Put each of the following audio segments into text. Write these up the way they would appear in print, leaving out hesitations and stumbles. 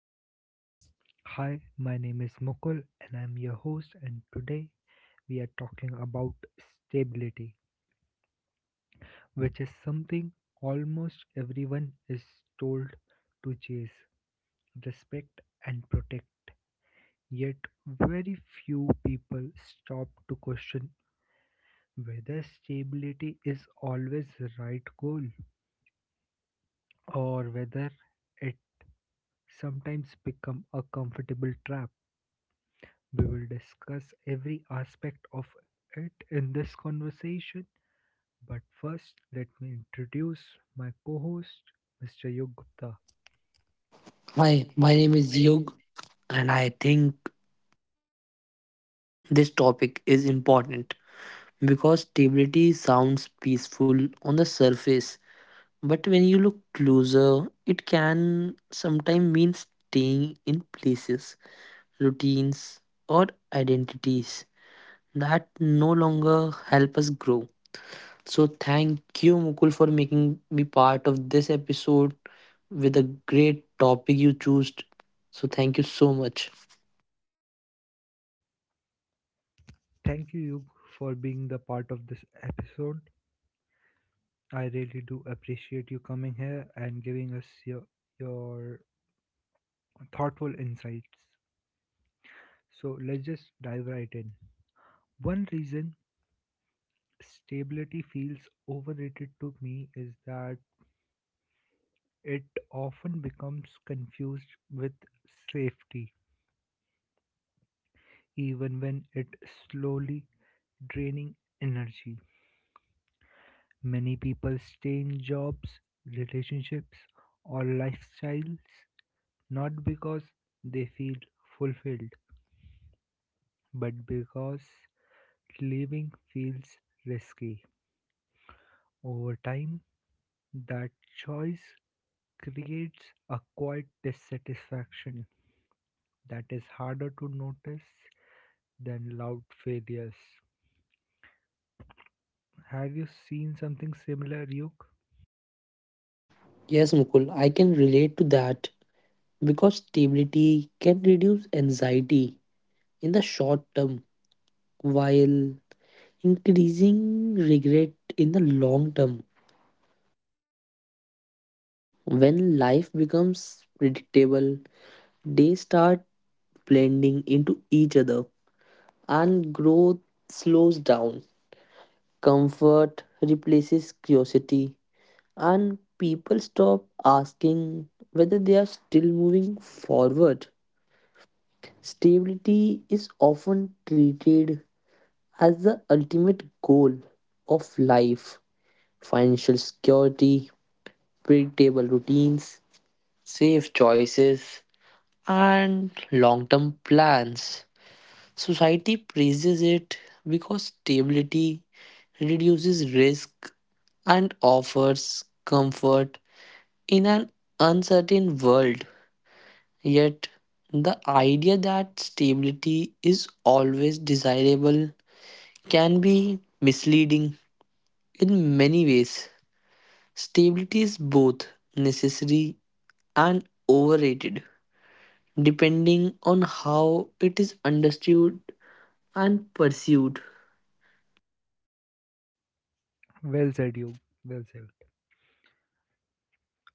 Hours. Hi, my name is Mukul and I'm your host and today we are talking about stability, which is something almost everyone is told to chase, respect and protect. Yet very few people stop to question whether stability is always the right goal or whether it sometimes becomes a comfortable trap. We will discuss every aspect of it in this conversation, but first, let me introduce my co host, Mr. Yug Gupta. Hi, my name is Yug, and I think this topic is important because stability sounds peaceful on the surface, but when you look closer, it can sometimes mean staying in places, routines, or identities that no longer help us grow. So, thank you, Mukul, for making me part of this episode with a great topic you chose. So, thank you so much. Thank you, Yug, for being the part of this episode. I really do appreciate you coming here and giving us your thoughtful insights. So, let's just dive right in. One reason stability feels overrated to me is that it often becomes confused with safety. Even when it's slowly draining energy, many people stay in jobs, relationships, or lifestyles not because they feel fulfilled, but because leaving feels risky. Over time, that choice creates a quiet dissatisfaction that is harder to notice than loud failures. Have you seen something similar, Yuk? Yes, Mukul, I can relate to that because stability can reduce anxiety in the short term while increasing regret in the long term. When life becomes predictable, they start blending into each other and growth slows down. Comfort replaces curiosity, and people stop asking whether they are still moving forward. Stability is often treated as the ultimate goal of life. Financial security, predictable routines, safe choices, and long term plans. Society praises it because stability reduces risk and offers comfort in an uncertain world. Yet, the idea that stability is always desirable can be misleading in many ways. Stability is both necessary and overrated, depending on how it is understood and pursued. Well said, you. Well said.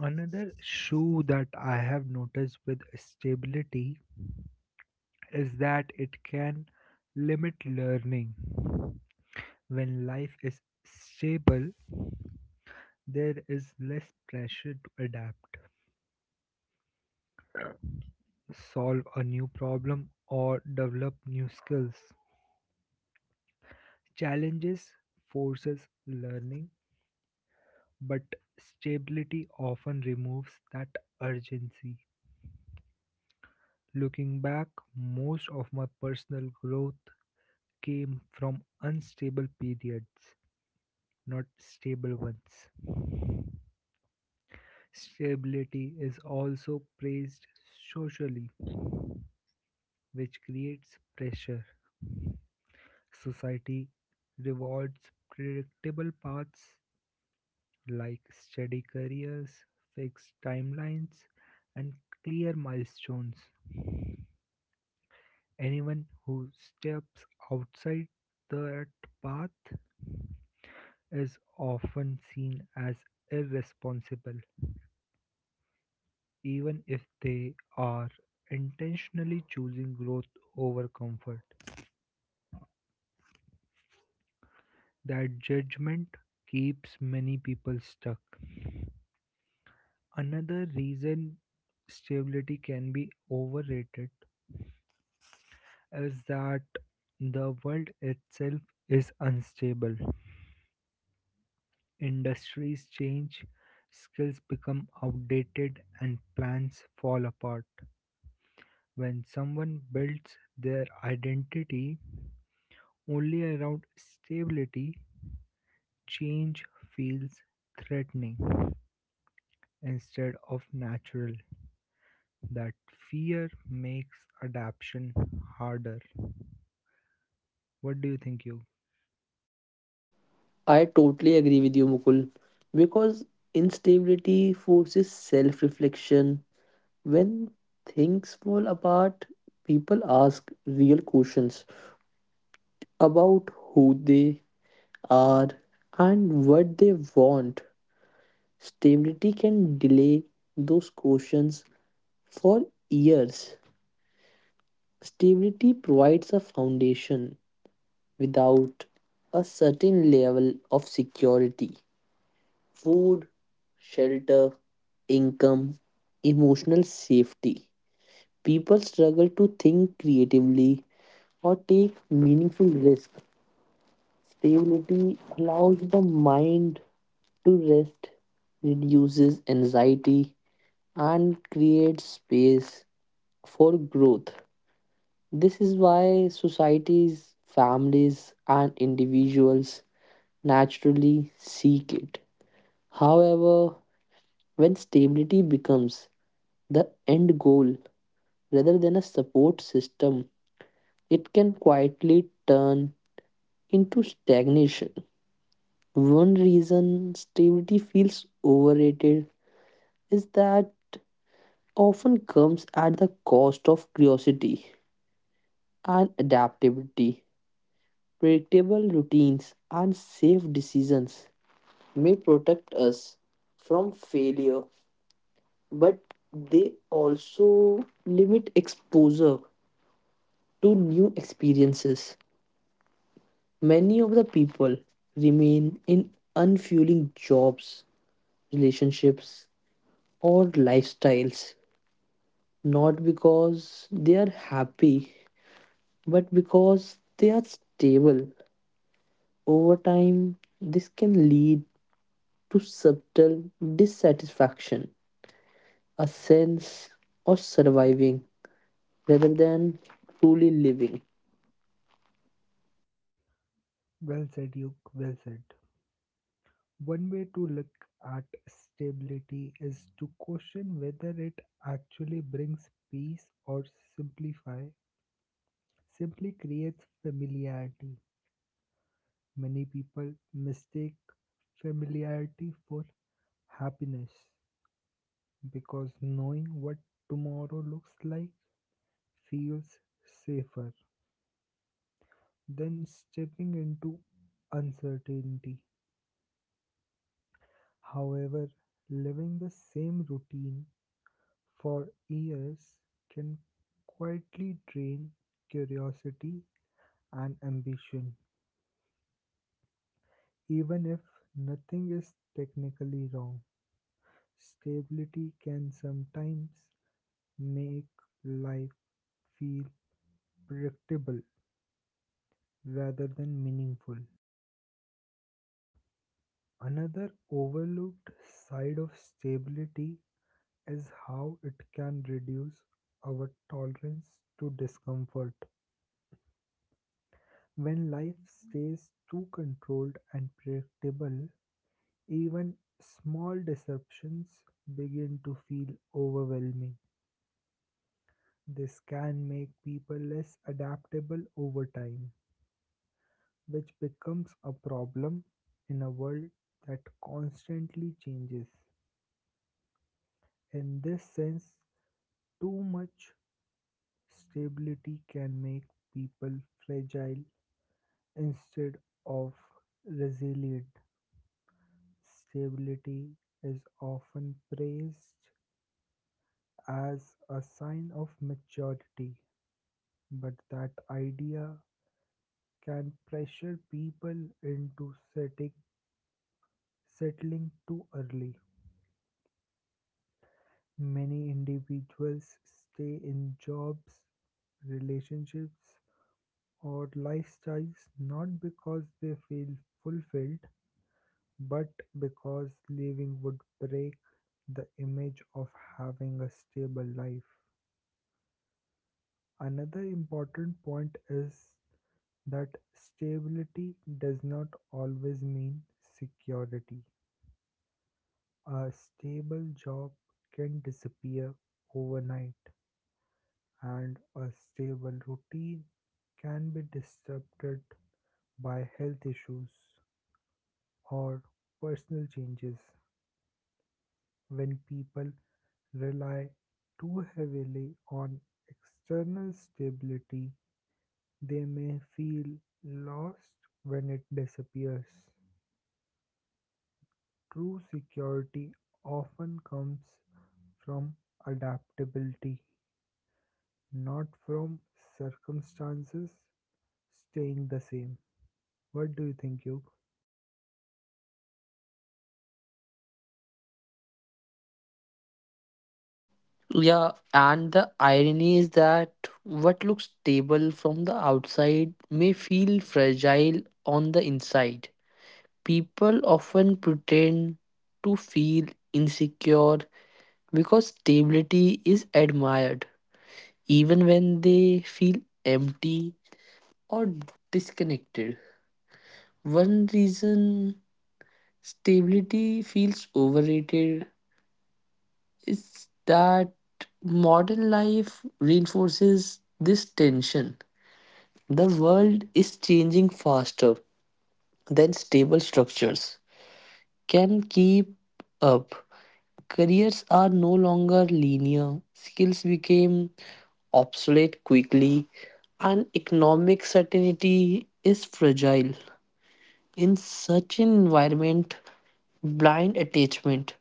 Another shoe that I have noticed with stability is that it can limit learning. When life is stable, there is less pressure to adapt, solve a new problem, or develop new skills. Challenges forces learning, but stability often removes that urgency. Looking back, most of my personal growth came from unstable periods, not stable ones. Stability is also praised socially, which creates pressure. Society rewards predictable paths like steady careers, fixed timelines, and clear milestones. Anyone who steps outside that path is often seen as irresponsible even if they are intentionally choosing growth over comfort. That judgment keeps many people stuck. Another reason stability can be overrated is that the world itself is unstable. Industries change, skills become outdated, and plans fall apart. When someone builds their identity only around stability, change feels threatening instead of natural. That fear makes adaptation harder. What do you think, you? I totally agree with you, Mukul, because instability forces self reflection. When things fall apart, people ask real questions about who they are and what they want. Stability can delay those questions for years. Stability provides a foundation without a certain level of security. Food, shelter, income, emotional safety. People struggle to think creatively or take meaningful risks. Stability allows the mind to rest, reduces anxiety, and creates space for growth. This is why societies, families, and individuals naturally seek it. However, when stability becomes the end goal rather than a support system, it can quietly turn into stagnation. One reason stability feels overrated is that often comes at the cost of curiosity and adaptability. Predictable routines and safe decisions may protect us from failure, but they also limit exposure to new experiences. Many of the people remain in unfueling jobs, relationships, or lifestyles not because they are happy, but because they are stable. Over time, this can lead to subtle dissatisfaction, a sense of surviving rather than truly living. Well said, you. Well said. One way to look at stability is to question whether it actually brings peace or simplify simply creates familiarity. Many people mistake familiarity for happiness, because knowing what tomorrow looks like feels safer than stepping into uncertainty. However, living the same routine for years can quietly drain curiosity and ambition. Even if nothing is technically wrong, stability can sometimes make life feel predictable rather than meaningful. Another overlooked side of stability is how it can reduce our tolerance to discomfort. When life stays too controlled and predictable, even small disruptions begin to feel overwhelming. This can make people less adaptable over time, which becomes a problem in a world that constantly changes. In this sense, too much stability can make people fragile instead of resilient. Stability is often praised as a sign of maturity, but that idea can pressure people into settling too early. Many individuals stay in jobs, relationships, or lifestyles not because they feel fulfilled but because leaving would break the image of having a stable life. Another important point is that stability does not always mean security. A stable job can disappear overnight, and a stable routine can be disrupted by health issues or personal changes. When people rely too heavily on external stability, they may feel lost when it disappears. True security often comes from adaptability, not from circumstances staying the same. What do you think, you? Yeah, and the irony is that what looks stable from the outside may feel fragile on the inside. People often pretend to feel insecure because stability is admired even when they feel empty or disconnected. One reason stability feels overrated is that modern life reinforces this tension. The world is changing faster than stable structures can keep up. Careers are no longer linear, skills became obsolete quickly, and economic certainty is fragile. In such an environment, blind attachment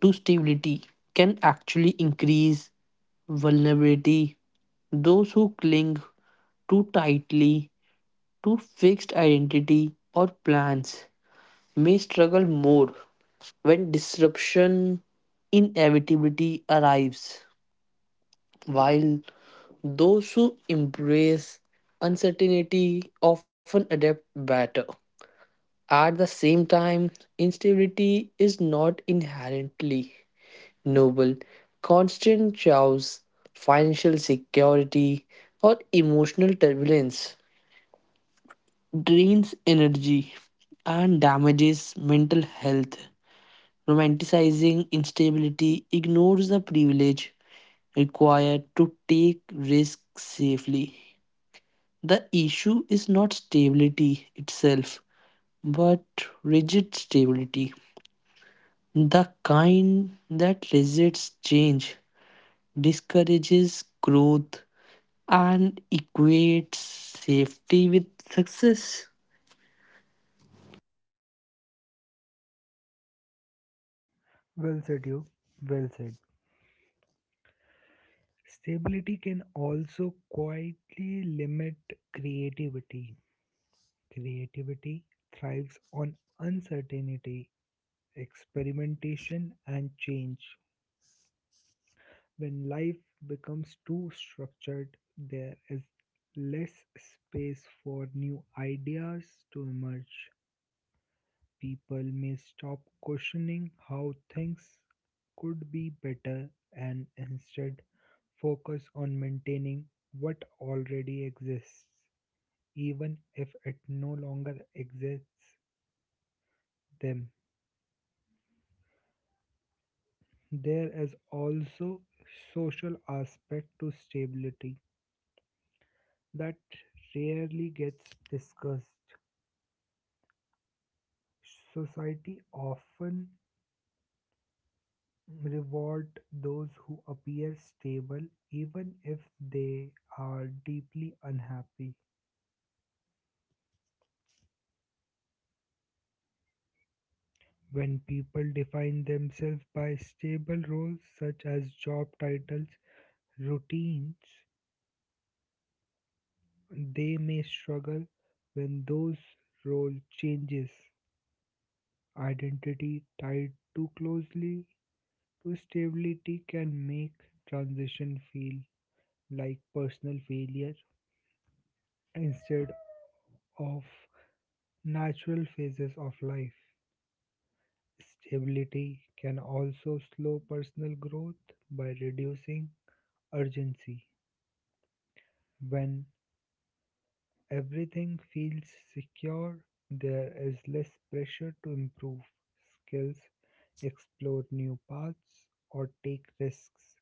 to stability can actually increase vulnerability. Those who cling too tightly to fixed identity or plans may struggle more when disruption inevitability arrives, while those who embrace uncertainty often adapt better. At the same time, instability is not inherently noble. Constant chaos, financial security, or emotional turbulence drains energy and damages mental health. Romanticizing instability ignores the privilege required to take risks safely. The issue is not stability itself, but rigid stability. The kind that resists change, discourages growth, and equates safety with success. Well said, you. Well said. Stability can also quietly limit creativity. Creativity thrives on uncertainty, experimentation, and change. When life becomes too structured, there is less space for new ideas to emerge. People may stop questioning how things could be better and instead focus on maintaining what already exists, even if it no longer exists them. There is also social aspect to stability that rarely gets discussed. Society often reward those who appear stable even if they are deeply unhappy. When people define themselves by stable roles such as job titles, routines, they may struggle when those role changes. Identity tied too closely to stability can make transition feel like personal failure instead of natural phases of life. Stability can also slow personal growth by reducing urgency. When everything feels secure, there is less pressure to improve skills, explore new paths, or take risks.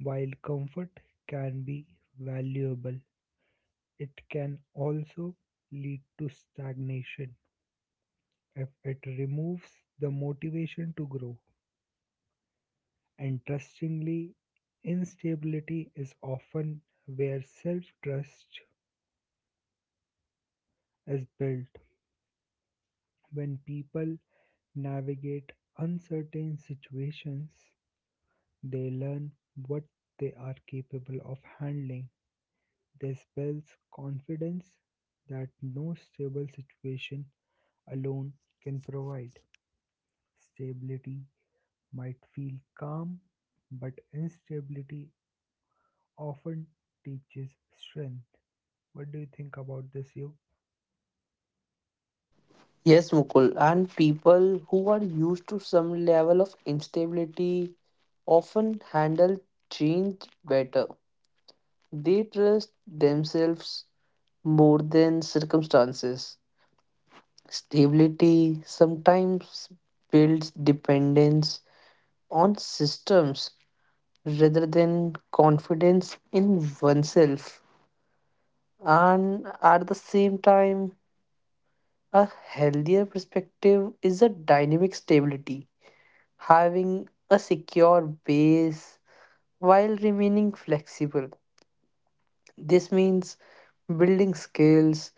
While comfort can be valuable, it can also lead to stagnation if it removes the motivation to grow. Interestingly, instability is often where self trust is built. When people navigate uncertain situations, they learn what they are capable of handling. They spells confidence that no stable situation alone can provide. Stability might feel calm, but instability often teaches strength. What do you think about this, you? Yes, Mukul, and people who are used to some level of instability often handle change better. They trust themselves more than circumstances. Stability sometimes builds dependence on systems rather than confidence in oneself. And at the same time, a healthier perspective is a dynamic stability having a secure base while remaining flexible. This means building skills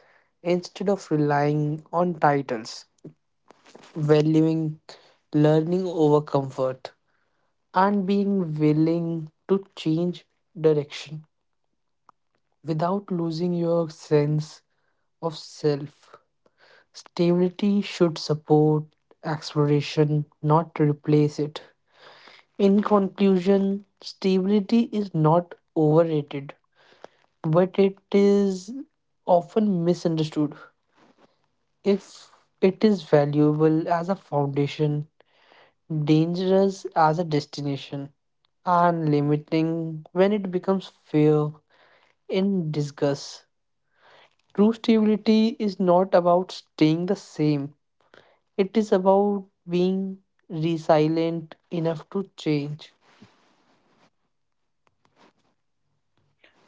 instead of relying on titles, valuing learning over comfort, and being willing to change direction without losing your sense of self. Stability should support exploration, not replace it. In conclusion, stability is not overrated, but it is often misunderstood. If it is valuable as a foundation, dangerous as a destination, and limiting when it becomes fear in disgust. True stability is not about staying the same, it is about being resilient enough to change.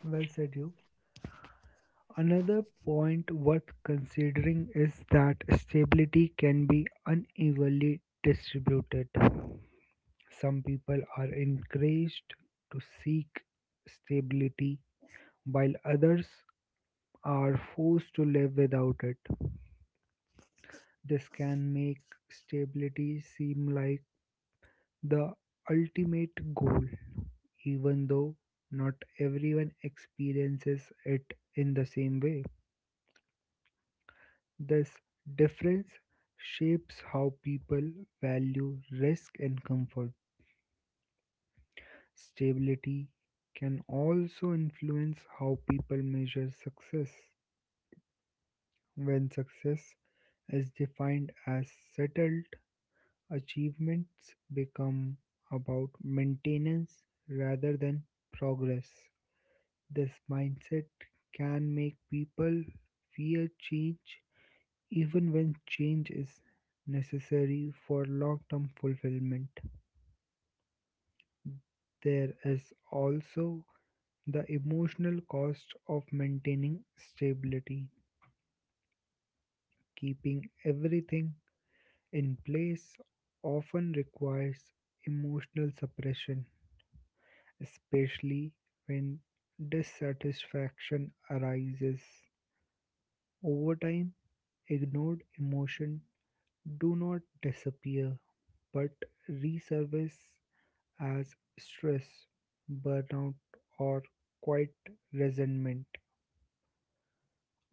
Well said, you. Another point worth considering is that stability can be unevenly distributed. Some people are encouraged to seek stability while others are forced to live without it. This can make stability seem like the ultimate goal, even though not everyone experiences it in the same way. This difference shapes how people value risk and comfort. Stability can also influence how people measure success. When success is defined as settled, achievements become about maintenance rather than progress. This mindset can make people fear change even when change is necessary for long term fulfillment. There is also the emotional cost of maintaining stability. Keeping everything in place often requires emotional suppression especially when dissatisfaction arises. Over time, ignored emotion do not disappear but resurface as stress, burnout, or quiet resentment.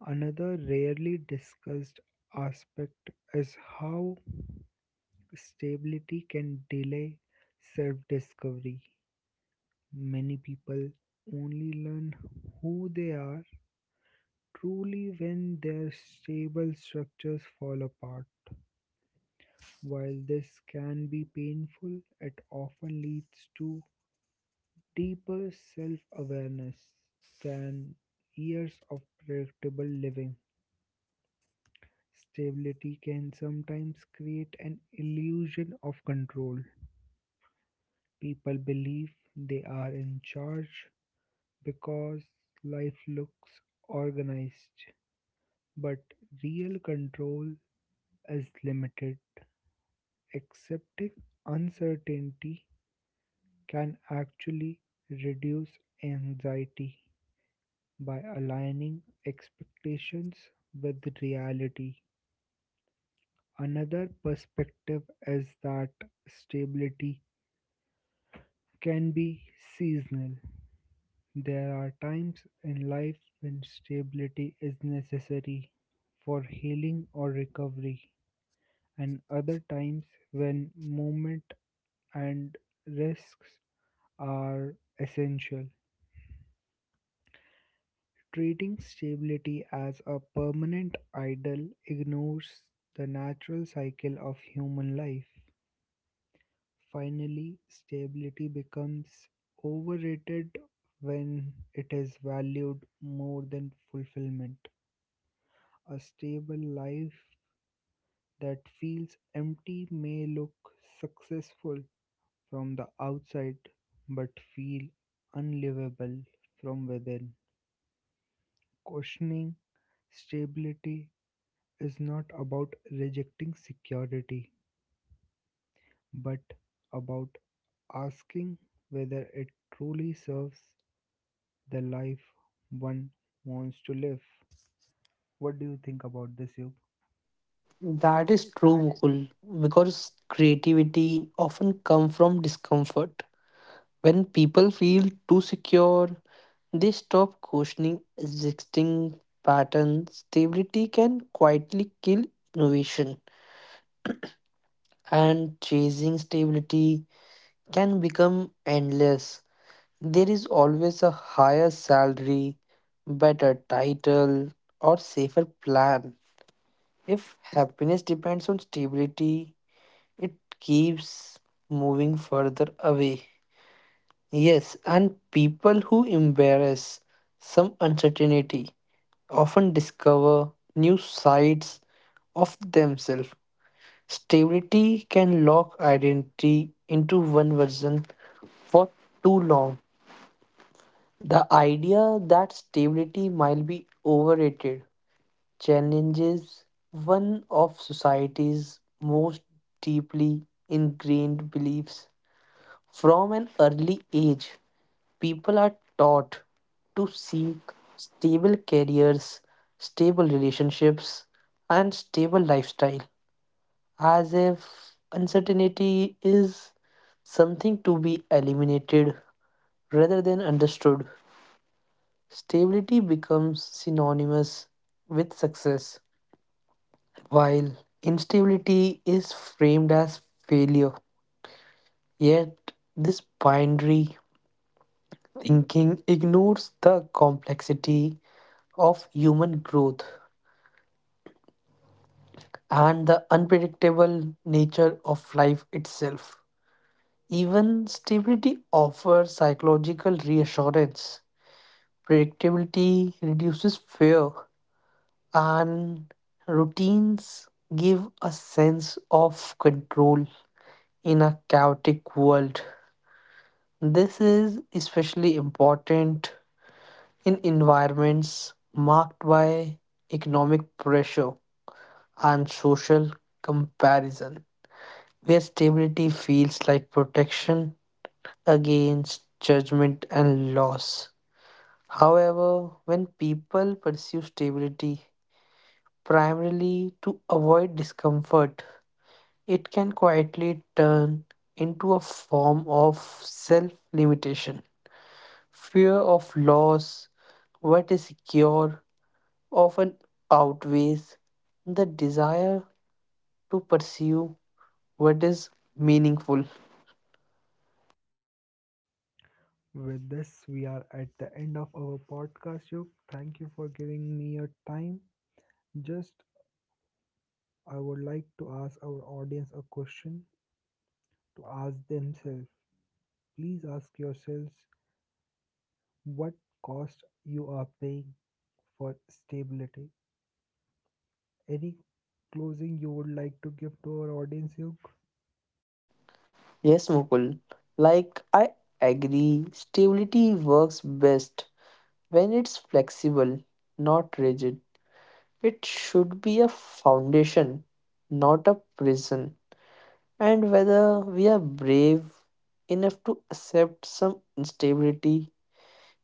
Another rarely discussed aspect is how stability can delay self discovery. Many people only learn who they are truly when their stable structures fall apart. While this can be painful, it often leads to deeper self awareness than years of predictable living. Stability can sometimes create an illusion of control. People believe they are in charge because life looks organized, but real control is limited. Accepting uncertainty can actually reduce anxiety by aligning expectations with reality. Another perspective is that stability can be seasonal. There are times in life when stability is necessary for healing or recovery, and other times when movement and risks are essential. Treating stability as a permanent idol ignores the natural cycle of human life. Finally, stability becomes overrated when it is valued more than fulfillment. A stable life that feels empty may look successful from the outside but feel unlivable from within. Questioning stability is not about rejecting security, but about asking whether it truly serves the life one wants to live. What do you think about this, Yug? That is true, Mukul, because creativity often comes from discomfort. When people feel too secure, they stop questioning existing patterns. Stability can quietly kill innovation, and chasing stability can become endless. There is always a higher salary, better title, or safer plan. If happiness depends on stability, it keeps moving further away. Yes, and people who embrace some uncertainty often discover new sides of themselves. Stability can lock identity into one version for too long. The idea that stability might be overrated challenges one of society's most deeply ingrained beliefs. From an early age, people are taught to seek stable careers, stable relationships, and stable lifestyle as if uncertainty is something to be eliminated rather than understood. Stability becomes synonymous with success, while instability is framed as failure. Yet, this binary thinking ignores the complexity of human growth and the unpredictable nature of life itself. Even stability offers psychological reassurance. Predictability reduces fear, and routines give a sense of control in a chaotic world. This is especially important in environments marked by economic pressure and social comparison, where stability feels like protection against judgment and loss. However, when people pursue stability primarily to avoid discomfort, it can quietly turn into a form of self limitation, fear of loss, what is secure, often outweighs the desire to pursue what is meaningful. With this, we are at the end of our podcast, Yug. Thank you for giving me your time. Just, I would like to ask our audience a question to ask themselves. Please ask yourselves what cost you are paying for stability. Any closing you would like to give to our audience, Duke? Yes, Mukul. I agree, stability works best when it's flexible, not rigid. It should be a foundation, not a prison. And whether we are brave enough to accept some instability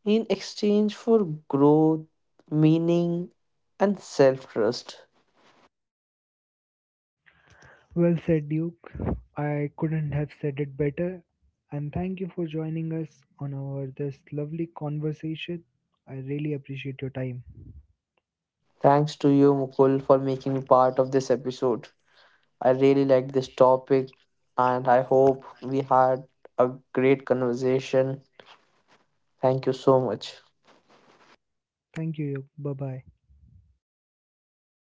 in exchange for growth, meaning, and self trust. Well said, Duke. I couldn't have said it better. And thank you for joining us on our this lovely conversation. I really appreciate your time. Thanks to you, Mukul, for making me part of this episode. I really like this topic and I hope we had a great conversation. Thank you so much. Thank you, Duke. Bye bye.